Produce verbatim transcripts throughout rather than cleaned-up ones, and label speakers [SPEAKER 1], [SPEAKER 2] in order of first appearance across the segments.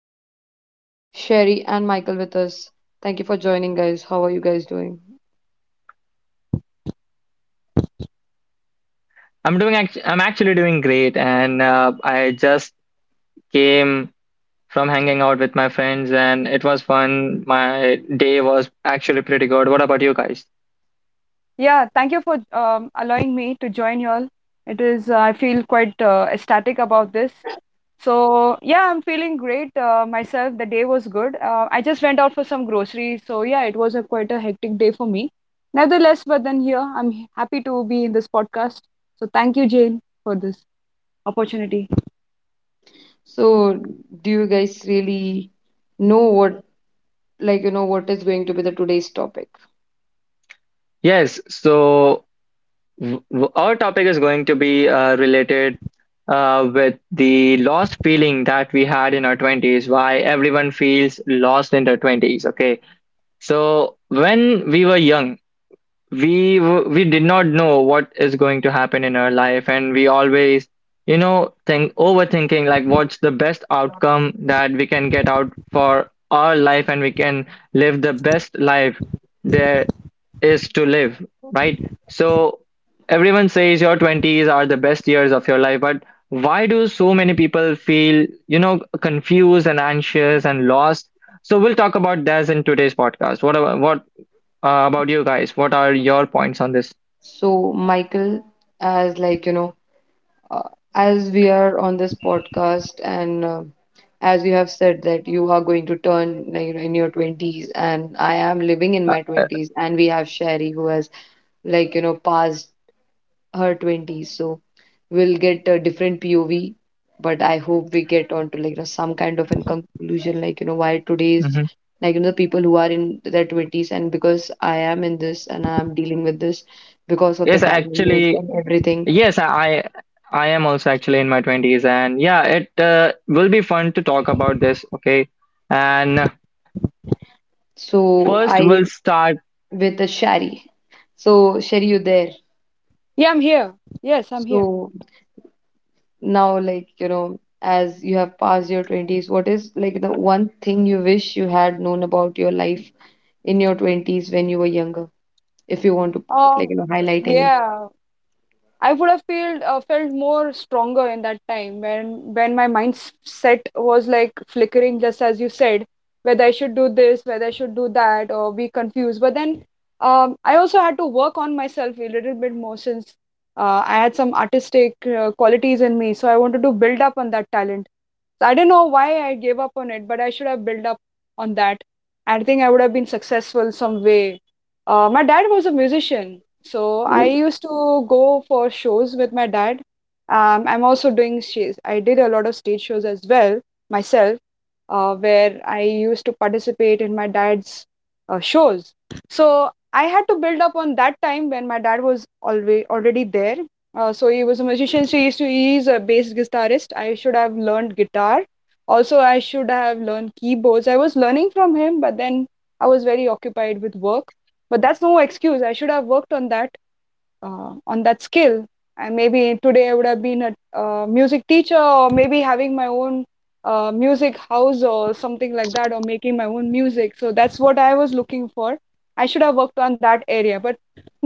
[SPEAKER 1] have Sherry and Michael with us. Thank you for joining, guys. How are you guys doing?
[SPEAKER 2] I'm doing act I'm actually doing great and uh, I just came from hanging out with my friends and it was fun. My day was actually pretty good. What about you guys?
[SPEAKER 3] Yeah, thank you for um, allowing me to join you all. It is, uh, I feel quite uh, ecstatic about this. So, yeah, I'm feeling great uh, myself. The day was good. Uh, I just went out for some groceries. So, yeah, it was a quite a hectic day for me. Nevertheless, but then here, I'm h- happy to be in this podcast. So, thank you, Jane, for this opportunity.
[SPEAKER 1] So, do you guys really know what, like, you know, what is going to be the today's topic?
[SPEAKER 2] Yes, so w- w- our topic is going to be uh, related uh, with the lost feeling that we had in our twenties, why everyone feels lost in their twenties, okay? So when we were young, we w- we did not know what is going to happen in our life, and we always, you know think, overthinking, like what's the best outcome that we can get out for our life and we can live the best life there is to live, right? So everyone says your twenties are the best years of your life, but why do so many people feel, you know confused and anxious and lost? So we'll talk about this in today's podcast. What about, what uh, about you guys? What are your points on this?
[SPEAKER 1] So, Michael, as like, you know, uh, as we are on this podcast and uh, as you have said that you are going to turn like, you know, in your twenties, and I am living in my
[SPEAKER 2] Uh,
[SPEAKER 1] twenties, and we have Sherry who has like, you know, passed her twenties. So, we'll get a different P O V. But I hope we get onto like, you know, some kind of a conclusion, like, you know, why today's
[SPEAKER 2] mhm.
[SPEAKER 1] like, you know, the people who are in their twenties. And because I am in this and I am dealing with this because of the
[SPEAKER 2] Yes,
[SPEAKER 1] dynamics
[SPEAKER 2] actually,
[SPEAKER 1] and everything.
[SPEAKER 2] yes, I I am also actually in my twenties, and yeah, it uh, will be fun to talk about this. Okay, and
[SPEAKER 1] So
[SPEAKER 2] first
[SPEAKER 1] I
[SPEAKER 2] we'll start.
[SPEAKER 1] with a Shari. So Sherry, you there?
[SPEAKER 3] Yeah, I'm here. Yes, I'm here.
[SPEAKER 1] So now, like, you know, as you have passed your twenties, what is like the one thing you wish you had known about your life in your twenties when you were younger, if you want to like,
[SPEAKER 3] Um,
[SPEAKER 1] you know, highlight any?
[SPEAKER 3] yeah, I would have felt uh, felt more stronger in that time when when my mindset was like flickering, just as you said, whether I should do this, whether I should do that, or be confused. But then um, I also had to work on myself a little bit more since uh, I had some artistic uh, qualities in me, so I wanted to build up on that talent. So I don't know why I gave up on it, but I should have built up on that. I think I would have been successful some way. Uh, my dad was a musician, so I
[SPEAKER 1] Oh,
[SPEAKER 3] used to go for shows with my dad. Um, I'm also doing shows. I did a lot of stage shows as well myself, uh, where I used to participate in my dad's uh, shows. So I had to build up on that time when my dad was always already there. Uh, so he was a musician. So he used to, he's a bass guitarist. I should have learned guitar. Also, I should have learned keyboards. I was learning from him, but then I was very occupied with work. But that's no excuse. I should have worked on that uh, on that skill, and maybe today I would have been a uh, music teacher, or maybe having my own uh, music house or something like that, or making my own music. So that's what I was looking for. I should have worked on that area, but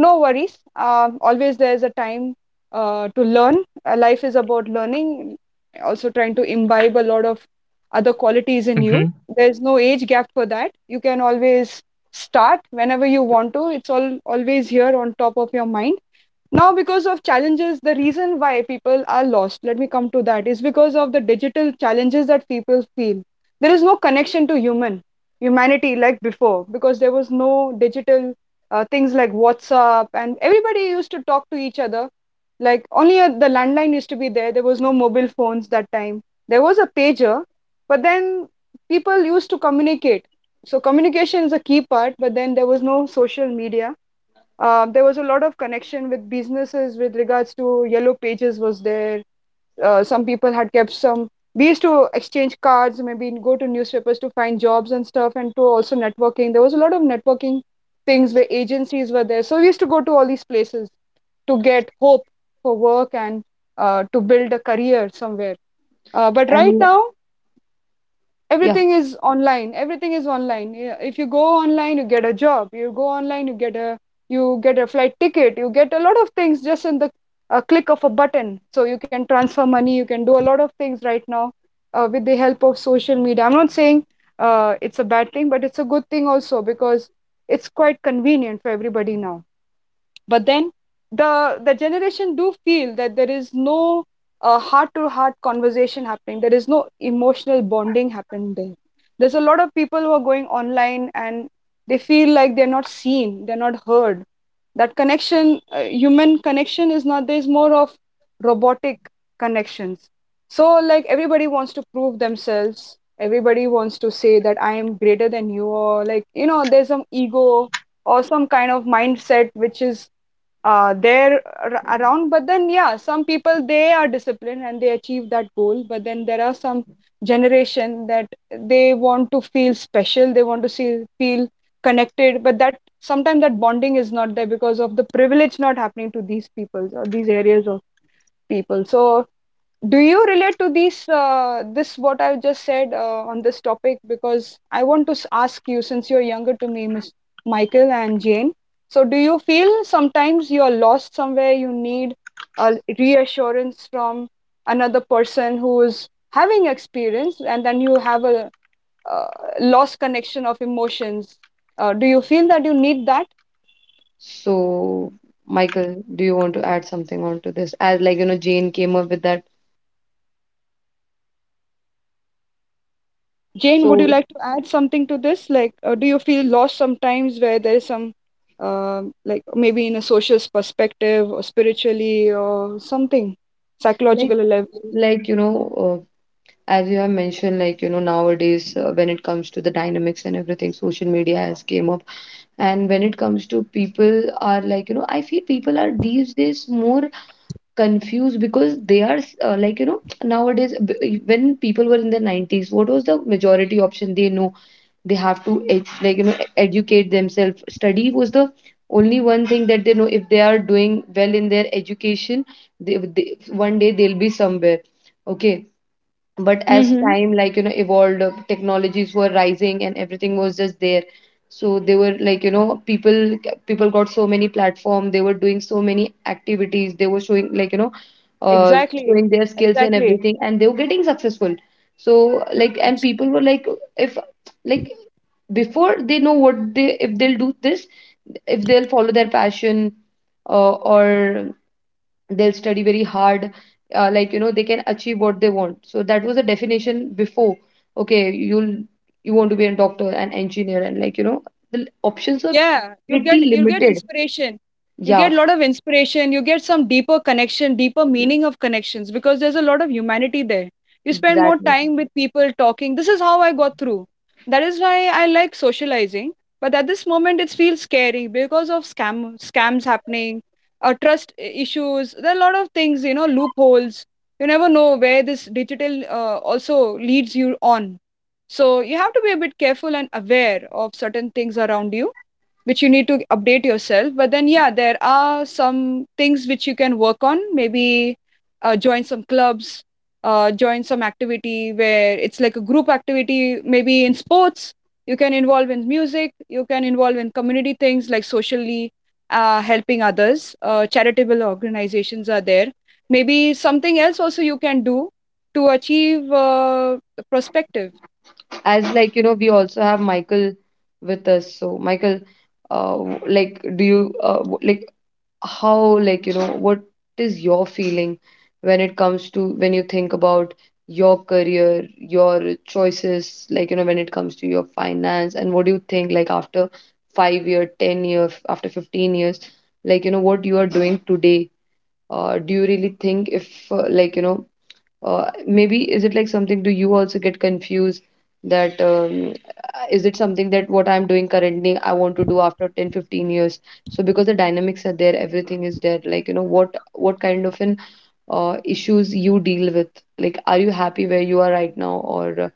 [SPEAKER 3] no worries. Uh, always there's a time uh, to learn. Uh, life is about learning, also trying to imbibe a lot of other qualities in you. There's no age gap for that. You can always start whenever you want to. It's all always here on top of your mind. Now, because of challenges, the reason why people are lost, let me come to that, is because of the digital challenges that people feel. There is no connection to human humanity like before, because there was no digital uh, things like WhatsApp, and everybody used to talk to each other. Like, only uh the landline used to be there. There was no mobile phones that time. There was a pager, but then people used to communicate. So communication is a key part, but then there was no social media. um, there was a lot of connection with businesses. With regards to yellow pages, was there. Uh, some people had kept some. We used to exchange cards, maybe go to newspapers to find jobs and stuff, and to also networking. There was a lot of networking things where agencies were there. So we used to go to all these places to get hope for work and uh, to build a career somewhere. Uh, but right
[SPEAKER 1] and
[SPEAKER 3] now,
[SPEAKER 1] yeah,
[SPEAKER 3] everything is online everything is online Yeah, if you go online you get a job, you go online you get a, you get a flight ticket, you get a lot of things just in the a click of a button. So you can transfer money, you can do a lot of things right now uh, with the help of social media. I'm not saying uh, it's a bad thing, but it's a good thing also, because it's quite convenient for everybody now. But then the the generation do feel that there is no uh, heart-to-heart conversation happening. There is no emotional bonding happening there. There's a lot of people who are going online and they feel like they're not seen, they're not heard. That connection, uh, human connection, is not. There's more of robotic connections. So like, everybody wants to prove themselves. Everybody wants to say that I am greater than you, or like you know, there's some ego or some kind of mindset which is uh, there around. But then, yeah, some people they are disciplined and they achieve that goal. But then there are some generation that they want to feel special. They want to see, feel connected. But that sometimes that bonding is not there because of the privilege not happening to these people or these areas of people. So do you relate to these uh, this what I've just said uh, on this topic? Because I want to s- ask you, since you're younger to me, Miss Michael and Jane. So, do you feel sometimes you're lost somewhere? You need a reassurance from another person who's having experience, and then you have a uh, lost connection of emotions. Uh, do you feel that you need that?
[SPEAKER 1] so Michael, do you want to add something onto this? As like, you know, Jane came up with that.
[SPEAKER 3] Jane, would you
[SPEAKER 1] So
[SPEAKER 3] like to add something to this? Like, uh, do you feel lost sometimes where there's some, um like maybe in a social perspective or spiritually or something,
[SPEAKER 1] like
[SPEAKER 3] psychological level?
[SPEAKER 1] like you know, uh, as you have mentioned, like, you know, nowadays uh, when it comes to the dynamics and everything, social media has came up. And when it comes to people are like, you know, I feel people are these days more confused because they are uh, like, you know, nowadays b- when people were in the nineties, what was the majority option they know? They have to ed- like, you know, e-, educate themselves. Study was the only one thing that they know. If they are doing well in their education, they, they one day they'll be somewhere, okay? But as
[SPEAKER 3] Mm-hmm.
[SPEAKER 1] time like, you know, evolved, uh, technologies were rising and everything was just there. So they were like, you know, people people got so many platform, they were doing so many activities, they were showing like, you know, uh
[SPEAKER 3] Exactly.
[SPEAKER 1] showing their skills and
[SPEAKER 3] Exactly.
[SPEAKER 1] everything, and they were getting successful. So like, and people were like, if, like, before they know what they, if they'll do this, if they'll follow their passion, uh, or they'll study very hard, uh, like, you know, they can achieve what they want. So that was the definition before. Okay, you'll, you want to be a doctor, an engineer, and like, you know, the options are
[SPEAKER 3] Yeah, you'll
[SPEAKER 1] pretty
[SPEAKER 3] get you'll get
[SPEAKER 1] limited,
[SPEAKER 3] inspiration. You
[SPEAKER 1] yeah,
[SPEAKER 3] get a lot of inspiration. You get some deeper connection, deeper meaning of connections, because there's a lot of humanity there. You spend more
[SPEAKER 1] exactly.
[SPEAKER 3] time with people talking. This is how I got through. That is why I like socializing. But at this moment, it feels scary because of scam scams happening, uh, trust i- issues. There are a lot of things, you know, loopholes. You never know where this digital uh, also leads you on. So you have to be a bit careful and aware of certain things around you which you need to update yourself. But then, yeah, there are some things which you can work on. Maybe uh, join some clubs, uh, join some activity where it's like a group activity, maybe in sports. You can involve in music, you can involve in community things like socially uh, helping others. Uh, charitable organizations are there. Maybe something else also you can do to achieve uh, perspective.
[SPEAKER 1] As like, you know, we also have Michael with us. So Michael, uh, w- like, do you uh, w- like, how like, you know, what is your feeling when it comes to when you think about your career, your choices, like, you know, when it comes to your finance? And what do you think like after five year, ten year, f- after fifteen years, like, you know, what you are doing today, uh, do you really think if uh, like, you know, uh, maybe is it like something, do you also get confused that um, uh, is it something that what I'm doing currently I want to do after ten fifteen years? So because the dynamics are there, everything is there, like, you know, what what kind of an uh, issues you deal with, like, are you happy where you are right now? Or uh,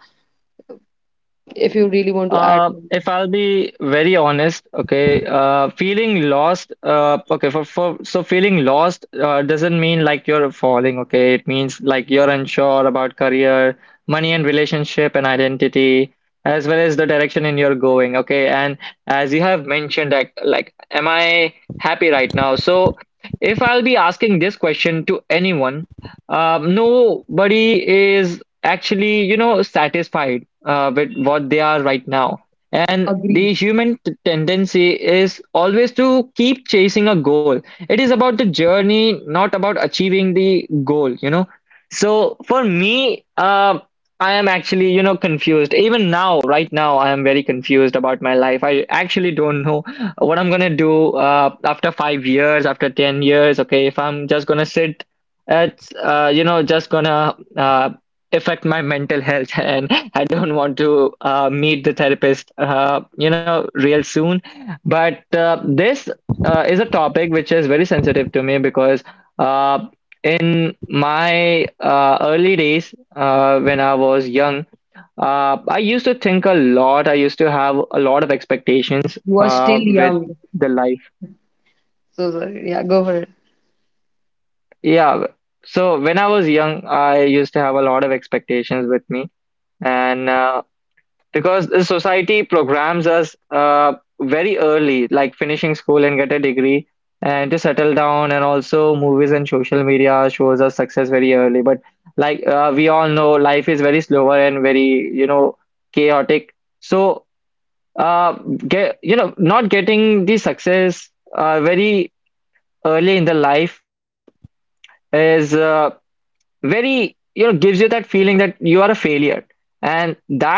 [SPEAKER 1] if you really want to add
[SPEAKER 2] Uh,
[SPEAKER 1] something.
[SPEAKER 2] if I'll be very honest, okay, uh, feeling lost, uh, okay, for, for so feeling lost uh, doesn't mean like you're falling, okay? It means like you're unsure about career, money and relationship and identity, as well as the direction in you're going, okay? And as you have mentioned, like, like, am I happy right now? So if I'll be asking this question to anyone, um, nobody is actually, you know, satisfied uh, with what they are right now. And
[SPEAKER 1] Agree.
[SPEAKER 2] the human t- tendency is always to keep chasing a goal. It is about the journey, not about achieving the goal, you know. So for me, uh, I am actually, you know, confused. Even now, right now, I am very confused about my life. I actually don't know what I'm gonna do uh, after five years, after ten years. Okay, if I'm just gonna sit at, uh, you know, just gonna uh, affect my mental health and I don't want to uh, meet the therapist, uh, you know real soon. But uh, this uh, is a topic which is very sensitive to me because uh, in my uh, early days, uh, when I was young, uh, I used to think a lot. I used to have a lot of expectations
[SPEAKER 1] You are
[SPEAKER 2] uh,
[SPEAKER 1] still
[SPEAKER 2] with
[SPEAKER 1] young,
[SPEAKER 2] the life.
[SPEAKER 1] so sorry. Yeah, go for it.
[SPEAKER 2] Yeah. So when I was young, I used to have a lot of expectations with me. And uh, because the society programs us uh, very early, like finishing school and get a degree and to settle down, and also movies and social media shows us success very early. But like uh, we all know, life is very slower and very, you know chaotic. So uh, get you know not getting the success uh, very early in the life is, uh, very, you know gives you that feeling that you are a failure, and that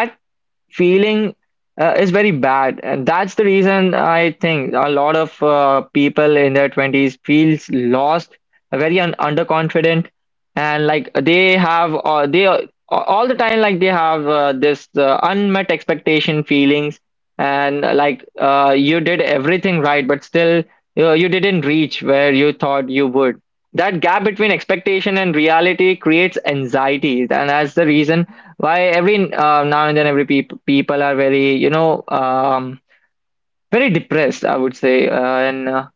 [SPEAKER 2] feeling uh, is very bad, and that's the reason I think a lot of uh, people in their twenties feels lost, very un- underconfident, and like they have uh, they uh, all the time, like they have uh, this uh, unmet expectation feelings. And uh, like uh, you did everything right, but still you you didn't reach where you thought you would. That gap between expectation and reality creates anxiety, and that's the reason why every uh, now and then every peop people are very, you know um, very depressed, I would say. Uh, and uh,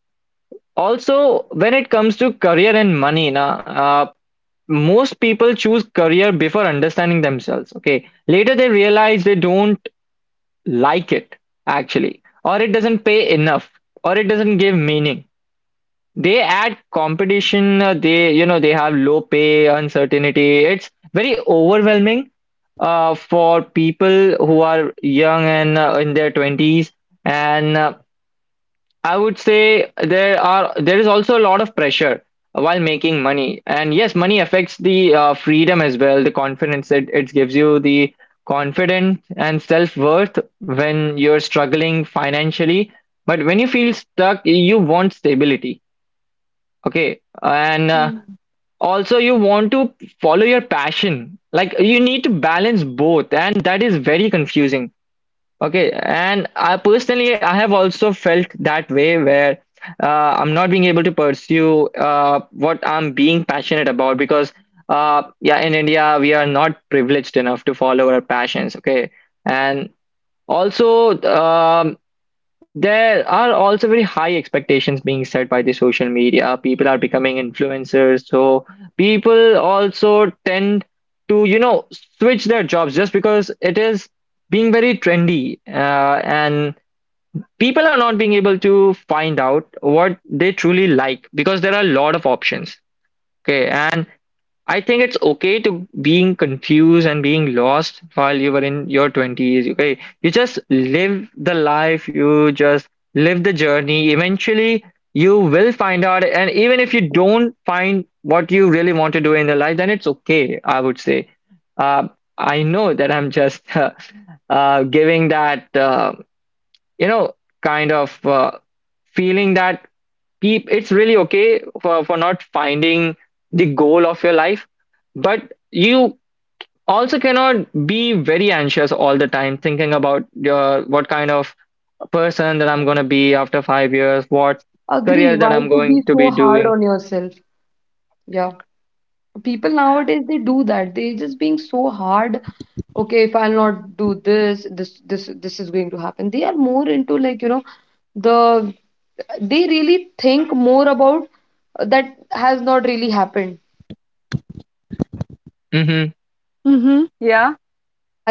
[SPEAKER 2] Also, when it comes to career and money, na, uh, most people choose career before understanding themselves, okay? Later they realize they don't like it, actually, or it doesn't pay enough, or it doesn't give meaning. They add competition, uh, they, you know, they have low pay, uncertainty. It's very overwhelming uh, for people who are young and uh, in their twenties. And uh, I would say there are there is also a lot of pressure while making money. And yes, money affects the uh, freedom as well, the confidence, it, it gives you the confidence and self-worth when you're struggling financially. But when you feel stuck, you want stability. Okay, and uh, also you want to follow your passion. Like you need to balance both, and that is very confusing. Okay, and I personally I have also felt that way where uh, I'm not being able to pursue uh, what I'm being passionate about because uh, yeah, in India we are not privileged enough to follow our passions. Okay, and also um there are also very high expectations being set by the social media. People are becoming influencers, so people also tend to, you know, switch their jobs just because it is being very trendy, uh, and people are not being able to find out what they truly like because there are a lot of options. Okay, and I think it's okay to being confused and being lost while you were in your twenties. Okay, you just live the life, you just live the journey. Eventually, you will find out, and even if you don't find what you really want to do in the life, then it's okay, I would say. Uh, I know that I'm just uh, uh, giving that, uh, you know, kind of uh, feeling that peep it's really okay for, for not finding the goal of your life, but you also cannot be very anxious all the time thinking about your what kind of person that I'm going to be after five years, what
[SPEAKER 1] Agree,
[SPEAKER 2] career that
[SPEAKER 1] why
[SPEAKER 2] I'm
[SPEAKER 1] to be
[SPEAKER 2] going to
[SPEAKER 1] so
[SPEAKER 2] be
[SPEAKER 1] hard
[SPEAKER 2] doing.
[SPEAKER 1] on yourself? Yeah, people nowadays they do that. They're just being so hard. Okay, if I'll not do this this this, this is going to happen. They are more into like, you know, the, they really think more about uh, that has not really happened.
[SPEAKER 2] Mm-hmm.
[SPEAKER 3] Mm-hmm. Yeah.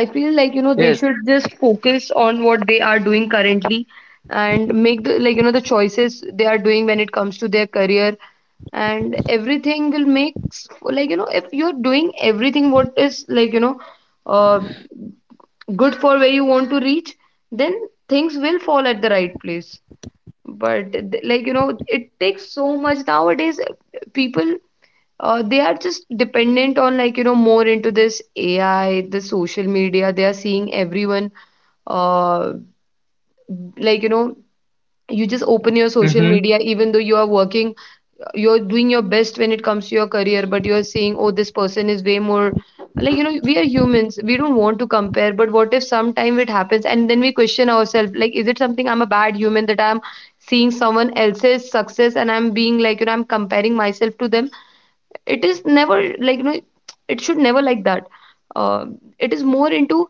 [SPEAKER 1] I feel like, you know, they
[SPEAKER 2] Yes.
[SPEAKER 1] should just focus on what they are doing currently and make the, like, you know, the choices they are doing when it comes to their career, and everything will make s- like, you know, if you're doing everything what is like, you know, uh, good for where you want to reach, then things will fall at the right place. But th- like, you know, it takes so much nowadays. uh, People, uh, they are just dependent on like, you know, more into this A I, the social media. They are seeing everyone, uh like, you know, you just open your social
[SPEAKER 2] Mm-hmm.
[SPEAKER 1] media, even though you are working, you're doing your best when it comes to your career, but you're saying, oh, this person is way more, like, you know. We are humans, we don't want to compare, but what if sometime it happens and then we question ourselves like, is it something, I'm a bad human that I'm seeing someone else's success and I'm being like, you know, I'm comparing myself to them? It is never like, you know, it should never like that. uh, it is more into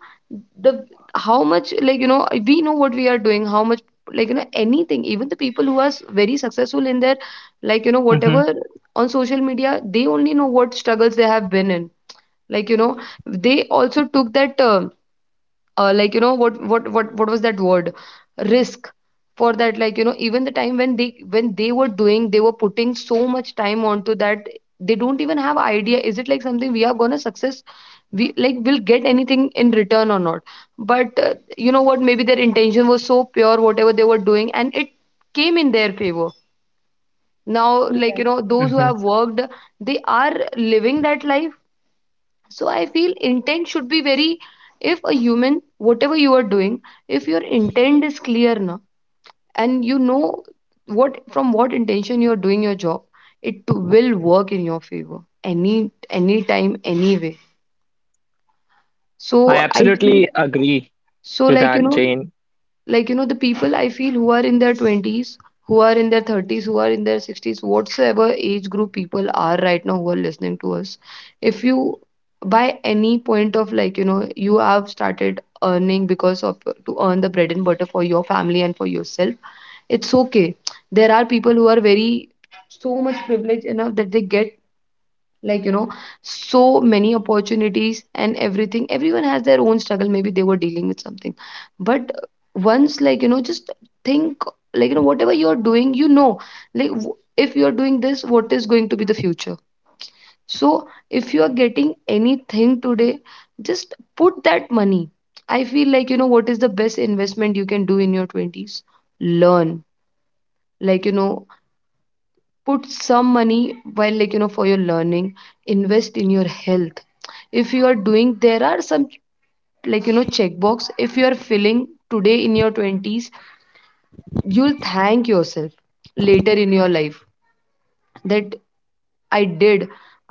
[SPEAKER 1] the how much, like, you know, we know what we are doing, how much, like, you know, anything. Even the people who are s- very successful in their, like, you know,
[SPEAKER 2] Mm-hmm.
[SPEAKER 1] whatever, on social media, they only know what struggles they have been in, like, you know. They also took that um uh, like, you know, what what what what was that word, risk, for that, like, you know. Even the time when they when they were doing, they were putting so much time onto that, they don't even have idea, is it like something we are gonna success, we like will get anything in return or not? But uh, you know what, maybe their intention was so pure, whatever they were doing, and it came in their favor. Now, like, you
[SPEAKER 3] Yeah.
[SPEAKER 1] know, those who
[SPEAKER 2] Mm-hmm.
[SPEAKER 1] have worked, they are living that life. So I feel intent should be very, if a human, whatever you are doing, if your intent is clear na, and you know what, from what intention you are doing your job, it will work in your favor any any time anyway.
[SPEAKER 2] I
[SPEAKER 1] So I feel,
[SPEAKER 2] absolutely agree
[SPEAKER 1] so
[SPEAKER 2] to
[SPEAKER 1] like, you
[SPEAKER 2] that,
[SPEAKER 1] know,
[SPEAKER 2] Jane.
[SPEAKER 1] like, you know, the people I feel who are in their twenties, who are in their thirties, who are in their sixties, whatsoever age group people are right now who are listening to us, if you, by any point of like, you know, you have started earning because of to earn the bread and butter for your family and for yourself, it's okay. There are people who are very so much privileged enough that they get, like, you know, so many opportunities and everything. Everyone has their own struggle, maybe they were dealing with something. But once, like, you know, just think, like, you know, whatever you're doing, you know, like, w- if you're doing this, what is going to be the future? So if you are getting anything today, just put that money. I feel, like, you know, what is the best investment you can do in your twenties? Learn, like, you know, put some money while, like, you know, for your learning. Invest in your health. If you are doing, there are some, like, you know, checkbox, if you are feeling today in your twenties, you'll thank yourself later in your life that i did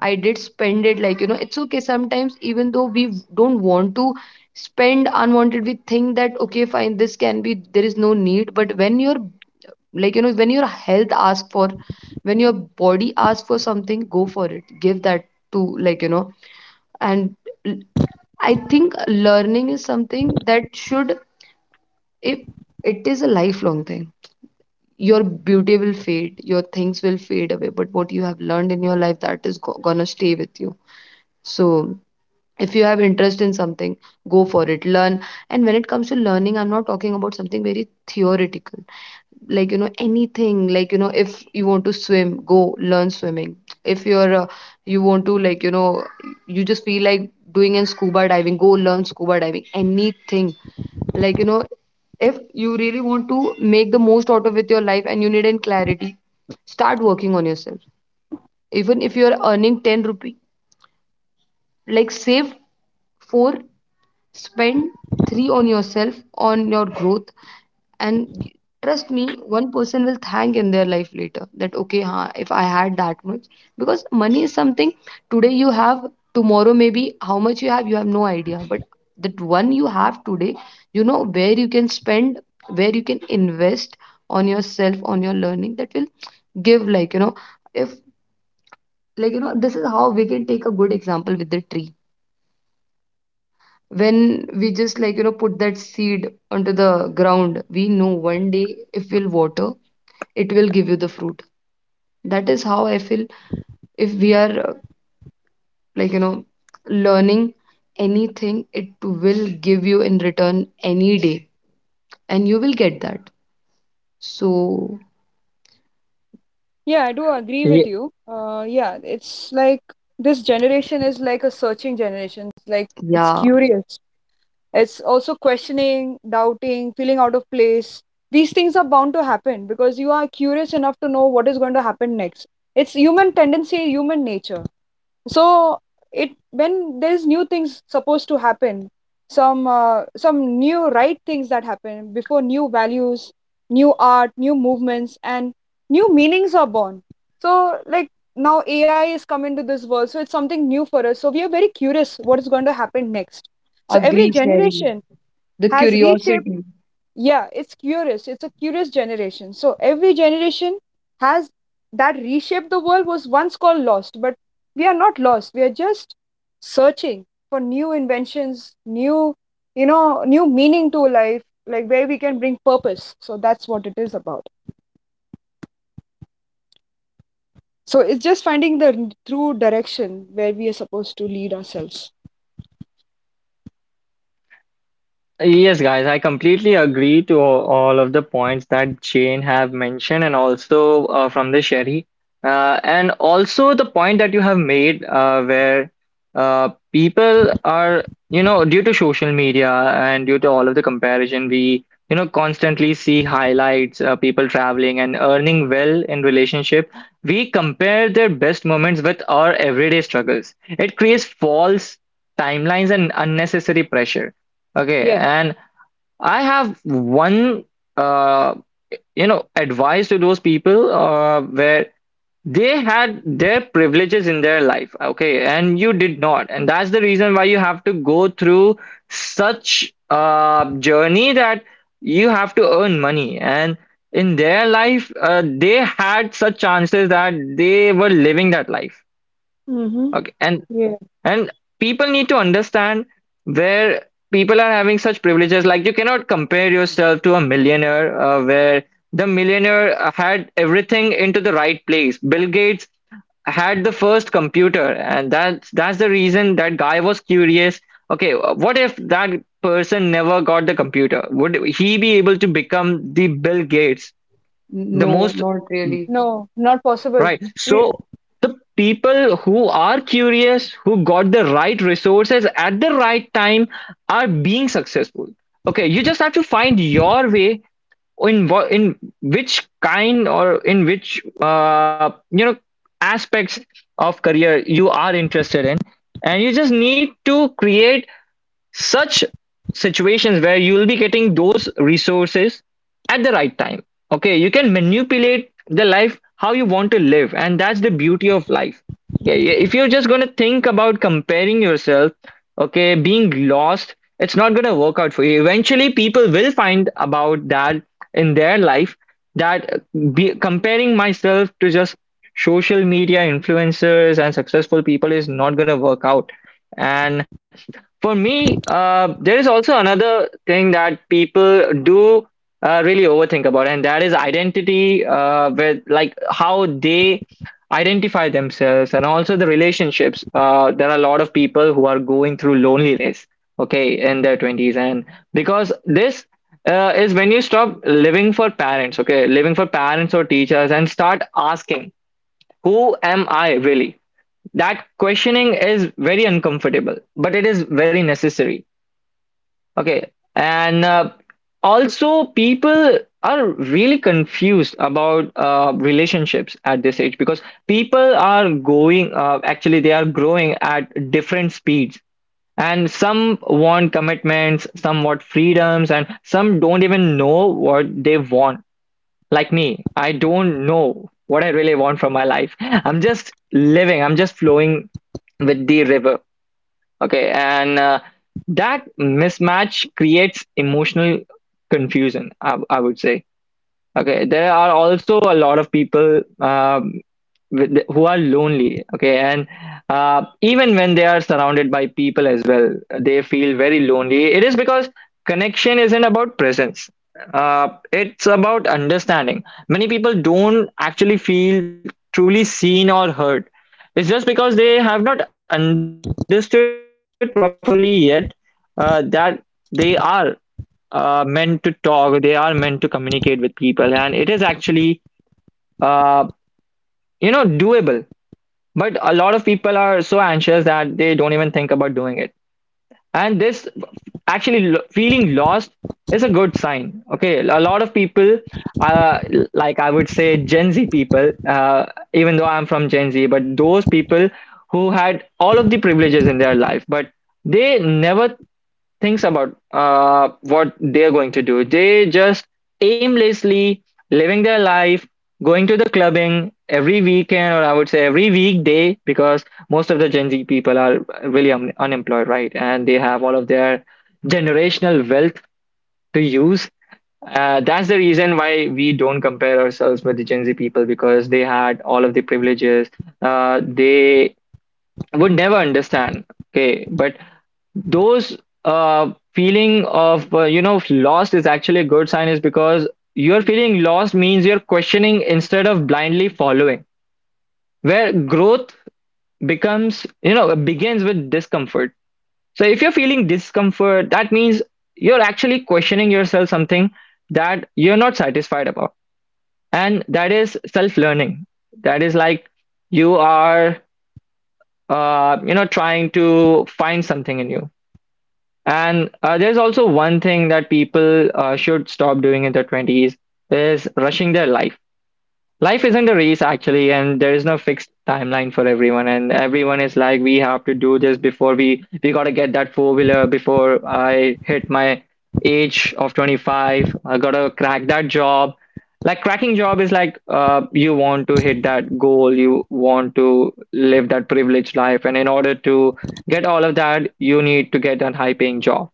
[SPEAKER 1] i did spend it. Like, you know, it's okay sometimes, even though we don't want to spend unwanted, we think that okay, fine, this can be, there is no need. But when your, like, you know, when your health asks for, when your body asks for something, go for it, give that to, like, you know. And l- I think learning is something that should, if, it is a lifelong thing. Your beauty will fade, your things will fade away, but what you have learned in your life, that is go- gonna stay with you. So if you have interest in something, go for it, learn. And when it comes to learning, I'm not talking about something very theoretical, like, you know, anything, like, you know, if you want to swim, go learn swimming. If you're uh, you want to, like, you know, you just feel like doing in scuba diving, go learn scuba diving, anything, like, you know. If you really want to make the most out of with your life and you need in clarity, start working on yourself. Even if you're earning ten rupee, like, save four. Spend three on yourself, on your growth, and trust me, one person will thank in their life later that okay, huh, if I had that much. Because money is something, today you have, tomorrow maybe how much you have, you have no idea. But that one you have today, you know where you can spend, where you can invest on yourself, on your learning, that will give, like, you know, if, like, you know, this is how we can take a good example with the tree. When we just, like, you know, put that seed onto the ground, we know one day, if we'll water, it will give you the fruit. That is how I feel, if we are uh, like, you know, learning anything, it will give you in return any day, and you will get that. So
[SPEAKER 3] Yeah, I do agree with you. Uh, yeah, it's like this generation is like a searching generation. It's like it's
[SPEAKER 1] yeah,
[SPEAKER 3] curious. It's also questioning, doubting, feeling out of place. These things are bound to happen because you are curious enough to know what is going to happen next. It's human tendency, human nature. So it, when there's new things supposed to happen, some uh, some new right things that happen before, new values, new art, new movements, and new meanings are born. So like, now AI is come into this world, so it's something new for us, so we are very curious what is going to happen next. So every
[SPEAKER 1] agree Sherry,
[SPEAKER 3] generation
[SPEAKER 1] the
[SPEAKER 3] has reshaped,
[SPEAKER 1] curiosity.
[SPEAKER 3] yeah, it's curious. It's a curious generation. So every generation has that reshaped the world, was once called lost, but we are not lost. We are just searching for new inventions, new, you know, new meaning to life, like where we can bring purpose. So that's what it is about. So it's just finding the true direction where we are supposed to lead ourselves.
[SPEAKER 2] Yes, guys, I completely agree to all all of the points that Jane have mentioned, and also uh, from the Sherry, uh, and also the point that you have made, uh, where uh, people are, you know, due to social media and due to all of the comparison, we, you know, constantly see highlights, uh, people traveling and earning well in relationship. We compare their best moments with our everyday struggles. It creates false timelines and unnecessary pressure. Okay,
[SPEAKER 3] Yeah.
[SPEAKER 2] and I have one, uh, you know, advice to those people uh, where they had their privileges in their life, okay, and you did not, and that's the reason why you have to go through such a journey that you have to earn money. And in their life, uh, they had such chances that they were living that life,
[SPEAKER 3] Mm-hmm.
[SPEAKER 2] okay, and
[SPEAKER 3] Yeah.
[SPEAKER 2] and people need to understand where people are having such privileges. Like you cannot compare yourself to a millionaire, uh, where the millionaire had everything into the right place. Bill Gates had the first computer, and that's that's the reason that guy was curious. Okay, uh, what if that person never got the computer? Would he be able to become the Bill Gates, the
[SPEAKER 1] No,
[SPEAKER 2] most?
[SPEAKER 1] not really.
[SPEAKER 3] No, not possible.
[SPEAKER 2] Right.
[SPEAKER 3] Yeah,
[SPEAKER 2] So the people who are curious, who got the right resources at the right time, are being successful. Okay, you just have to find your way in what in which kind or in which uh, you know aspects of career you are interested in, and you just need to create such situations where you'll be getting those resources at the right time. Okay, you can manipulate the life how you want to live, and that's the beauty of life. Okay, if you're just going to think about comparing yourself, okay, being lost, it's not going to work out for you. Eventually people will find about that in their life, that uh, be, comparing myself to just social media influencers and successful people is not going to work out. And for me, uh, there is also another thing that people do uh, really overthink about, and that is identity, uh, with like how they identify themselves, and also the relationships. Uh, there are a lot of people who are going through loneliness, okay, in their twenties, and because this uh, is when you stop living for parents, okay, living for parents or teachers, and start asking, who am I really? That questioning is very uncomfortable, but it is very necessary. Okay, and uh, also people are really confused about uh, relationships at this age because people are going uh, actually they are growing at different speeds, and some want commitments, some want freedoms, and some don't even know what they want. Like me, I don't know what I really want from my life. I'm just living, I'm just flowing with the river. Okay. And uh, that mismatch creates emotional confusion, I, I would say. Okay, there are also a lot of people um, with, who are lonely. Okay, and uh, even when they are surrounded by people as well, they feel very lonely. It is because connection isn't about presence. Uh, it's about understanding. Many people don't actually feel truly seen or heard. It's just because they have not understood properly yet uh, that they are uh, meant to talk. They are meant to communicate with people, and it is actually uh, you know, doable. But a lot of people are so anxious that they don't even think about doing it. And this actually lo- feeling lost is a good sign. Okay, a lot of people, uh, like I would say Gen Z people, uh, even though I'm from Gen Z, but those people who had all of the privileges in their life, but they never thinks about uh, what they're going to do. They just aimlessly living their life, going to the clubbing every weekend, or I would say every weekday, because most of the Gen Z people are really un- unemployed, right? And they have all of their generational wealth to use. Uh, that's the reason why we don't compare ourselves with the Gen Z people because they had all of the privileges. Uh, they would never understand. Okay, but those uh feeling of uh, you know lost is actually a good sign is because you're feeling lost means you're questioning instead of blindly following, where growth becomes you know begins with discomfort. So if you're feeling discomfort, that means you're actually questioning yourself something that you're not satisfied about, and that is self learning. That is like you are uh, you know, trying to find something in you. And uh, there's also one thing that people uh, should stop doing in their twenties is rushing their life. Life isn't a race actually, and there is no fixed timeline for everyone. And everyone is like, we have to do this before we we gotta get that four wheeler before I hit my age of twenty-five. I gotta crack that job. Like cracking job is like uh, you want to hit that goal, you want to live that privileged life, and in order to get all of that, you need to get that high paying job.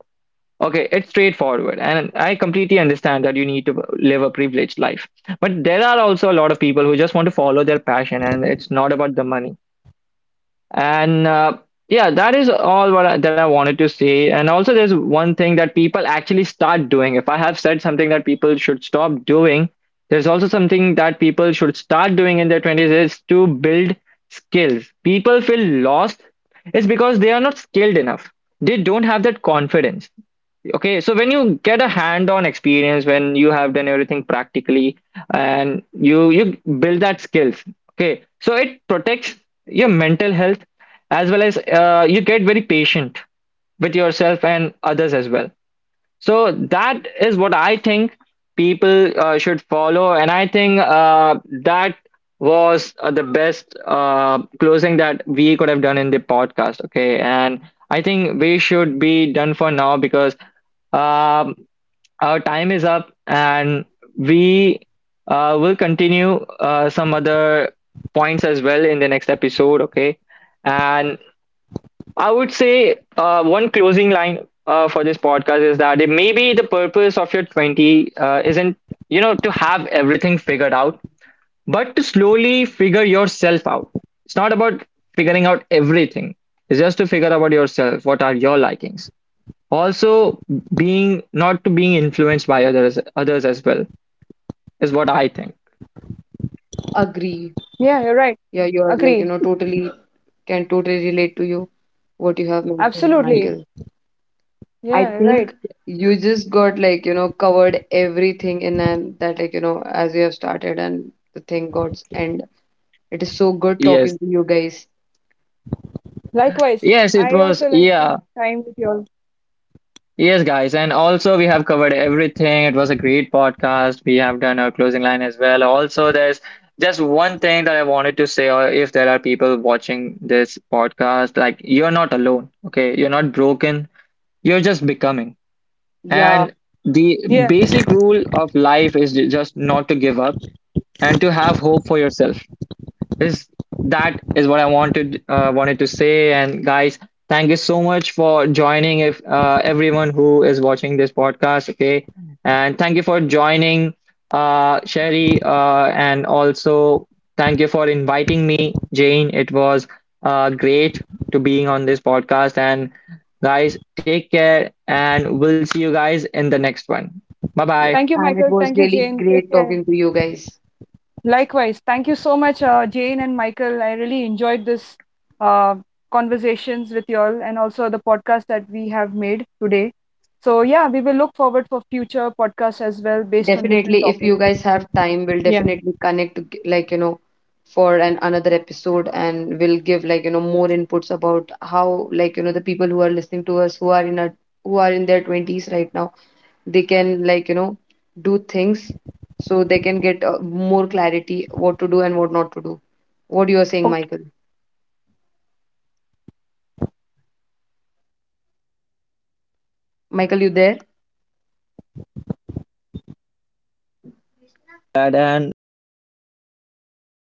[SPEAKER 2] Okay, it's straightforward, and I completely understand that you need to live a privileged life. But there are also a lot of people who just want to follow their passion, and it's not about the money. And uh, yeah, that is all what I, that I wanted to say. And also, there's one thing that people actually start doing. If I have said something that people should stop doing, there's also something that people should start doing in their twenties is to build skills. People feel lost. It's because they are not skilled enough. They don't have that confidence. Okay, so when you get a hand-on experience, when you have done everything practically and you you build that skills, okay, so it protects your mental health, as well as uh, you get very patient with yourself and others as well. So that is what I think people uh, should follow, and I think uh, that was uh, the best uh, closing that we could have done in the podcast. Okay, and I think we should be done for now because um, our time is up, and we uh, will continue uh, some other points as well in the next episode. Okay, and I would say uh, one closing line uh, for this podcast is that it maybe the purpose of your twenties uh, isn't, you know, to have everything figured out, but to slowly figure yourself out. It's not about figuring out everything. It's just to figure out yourself. What are your likings? Also, being not to being influenced by others, others as well is what I think.
[SPEAKER 1] Agree,
[SPEAKER 3] yeah, you're right.
[SPEAKER 1] yeah, you're,
[SPEAKER 3] Agree.
[SPEAKER 1] like, you know, totally can totally relate to you what you have mentioned,
[SPEAKER 2] Y-
[SPEAKER 3] Absolutely.
[SPEAKER 1] Michael. I
[SPEAKER 3] Yeah,
[SPEAKER 1] think
[SPEAKER 3] right.
[SPEAKER 1] you just got, like, you know, covered everything in, and that, like, you know, as you have started and the thing got, and it is so good talking
[SPEAKER 2] yes,
[SPEAKER 1] to you guys.
[SPEAKER 3] Likewise,
[SPEAKER 2] yes, it
[SPEAKER 3] I
[SPEAKER 2] was.
[SPEAKER 3] also like
[SPEAKER 2] Yeah.
[SPEAKER 3] this time with you all.
[SPEAKER 2] Yes, guys, and also we have covered everything. It was a great podcast. We have done our closing line as well. Also, there's just one thing that I wanted to say, or if there are people watching this podcast, like you're not alone, okay? You're not broken, you're just becoming.
[SPEAKER 1] Yeah,
[SPEAKER 2] And the
[SPEAKER 3] Yeah.
[SPEAKER 2] basic rule of life is ju- just not to give up and to have hope for yourself is that is what I wanted uh, wanted to say. And guys, thank you so much for joining. If uh, everyone who is watching this podcast, okay, and thank you for joining, uh, Sherry, uh, and also thank you for inviting me, Jane. It was uh, great to being on this podcast. And guys, take care, and we'll see you guys in the next one. Bye bye.
[SPEAKER 1] yeah,
[SPEAKER 3] Thank you,
[SPEAKER 1] and it
[SPEAKER 3] Michael.
[SPEAKER 1] was
[SPEAKER 3] Thank you,
[SPEAKER 1] really
[SPEAKER 3] Jane. Take
[SPEAKER 1] great
[SPEAKER 3] care.
[SPEAKER 1] talking to you guys.
[SPEAKER 3] Likewise. Thank you so much, uh, Jane and Michael. I really enjoyed this uh, conversations with you all, and also the podcast that we have made today. So yeah, we will look forward for future podcasts as well based on different
[SPEAKER 1] Definitely, if
[SPEAKER 3] topics.
[SPEAKER 1] you
[SPEAKER 3] As
[SPEAKER 1] guys
[SPEAKER 3] well.
[SPEAKER 1] have time, we'll
[SPEAKER 3] Yeah.
[SPEAKER 1] definitely connect to g- like, you know, for an another episode, and we'll give, like, you know, more inputs about how, like, you know, the people who are listening to us, who are in our, who are in their twenties right now, they can, like, you know, do things so they can get uh, more clarity what to do and what not to do. What you are saying, Michael?
[SPEAKER 3] Okay.
[SPEAKER 1] Michael, you there?
[SPEAKER 2] And uh, we'll end our podcast.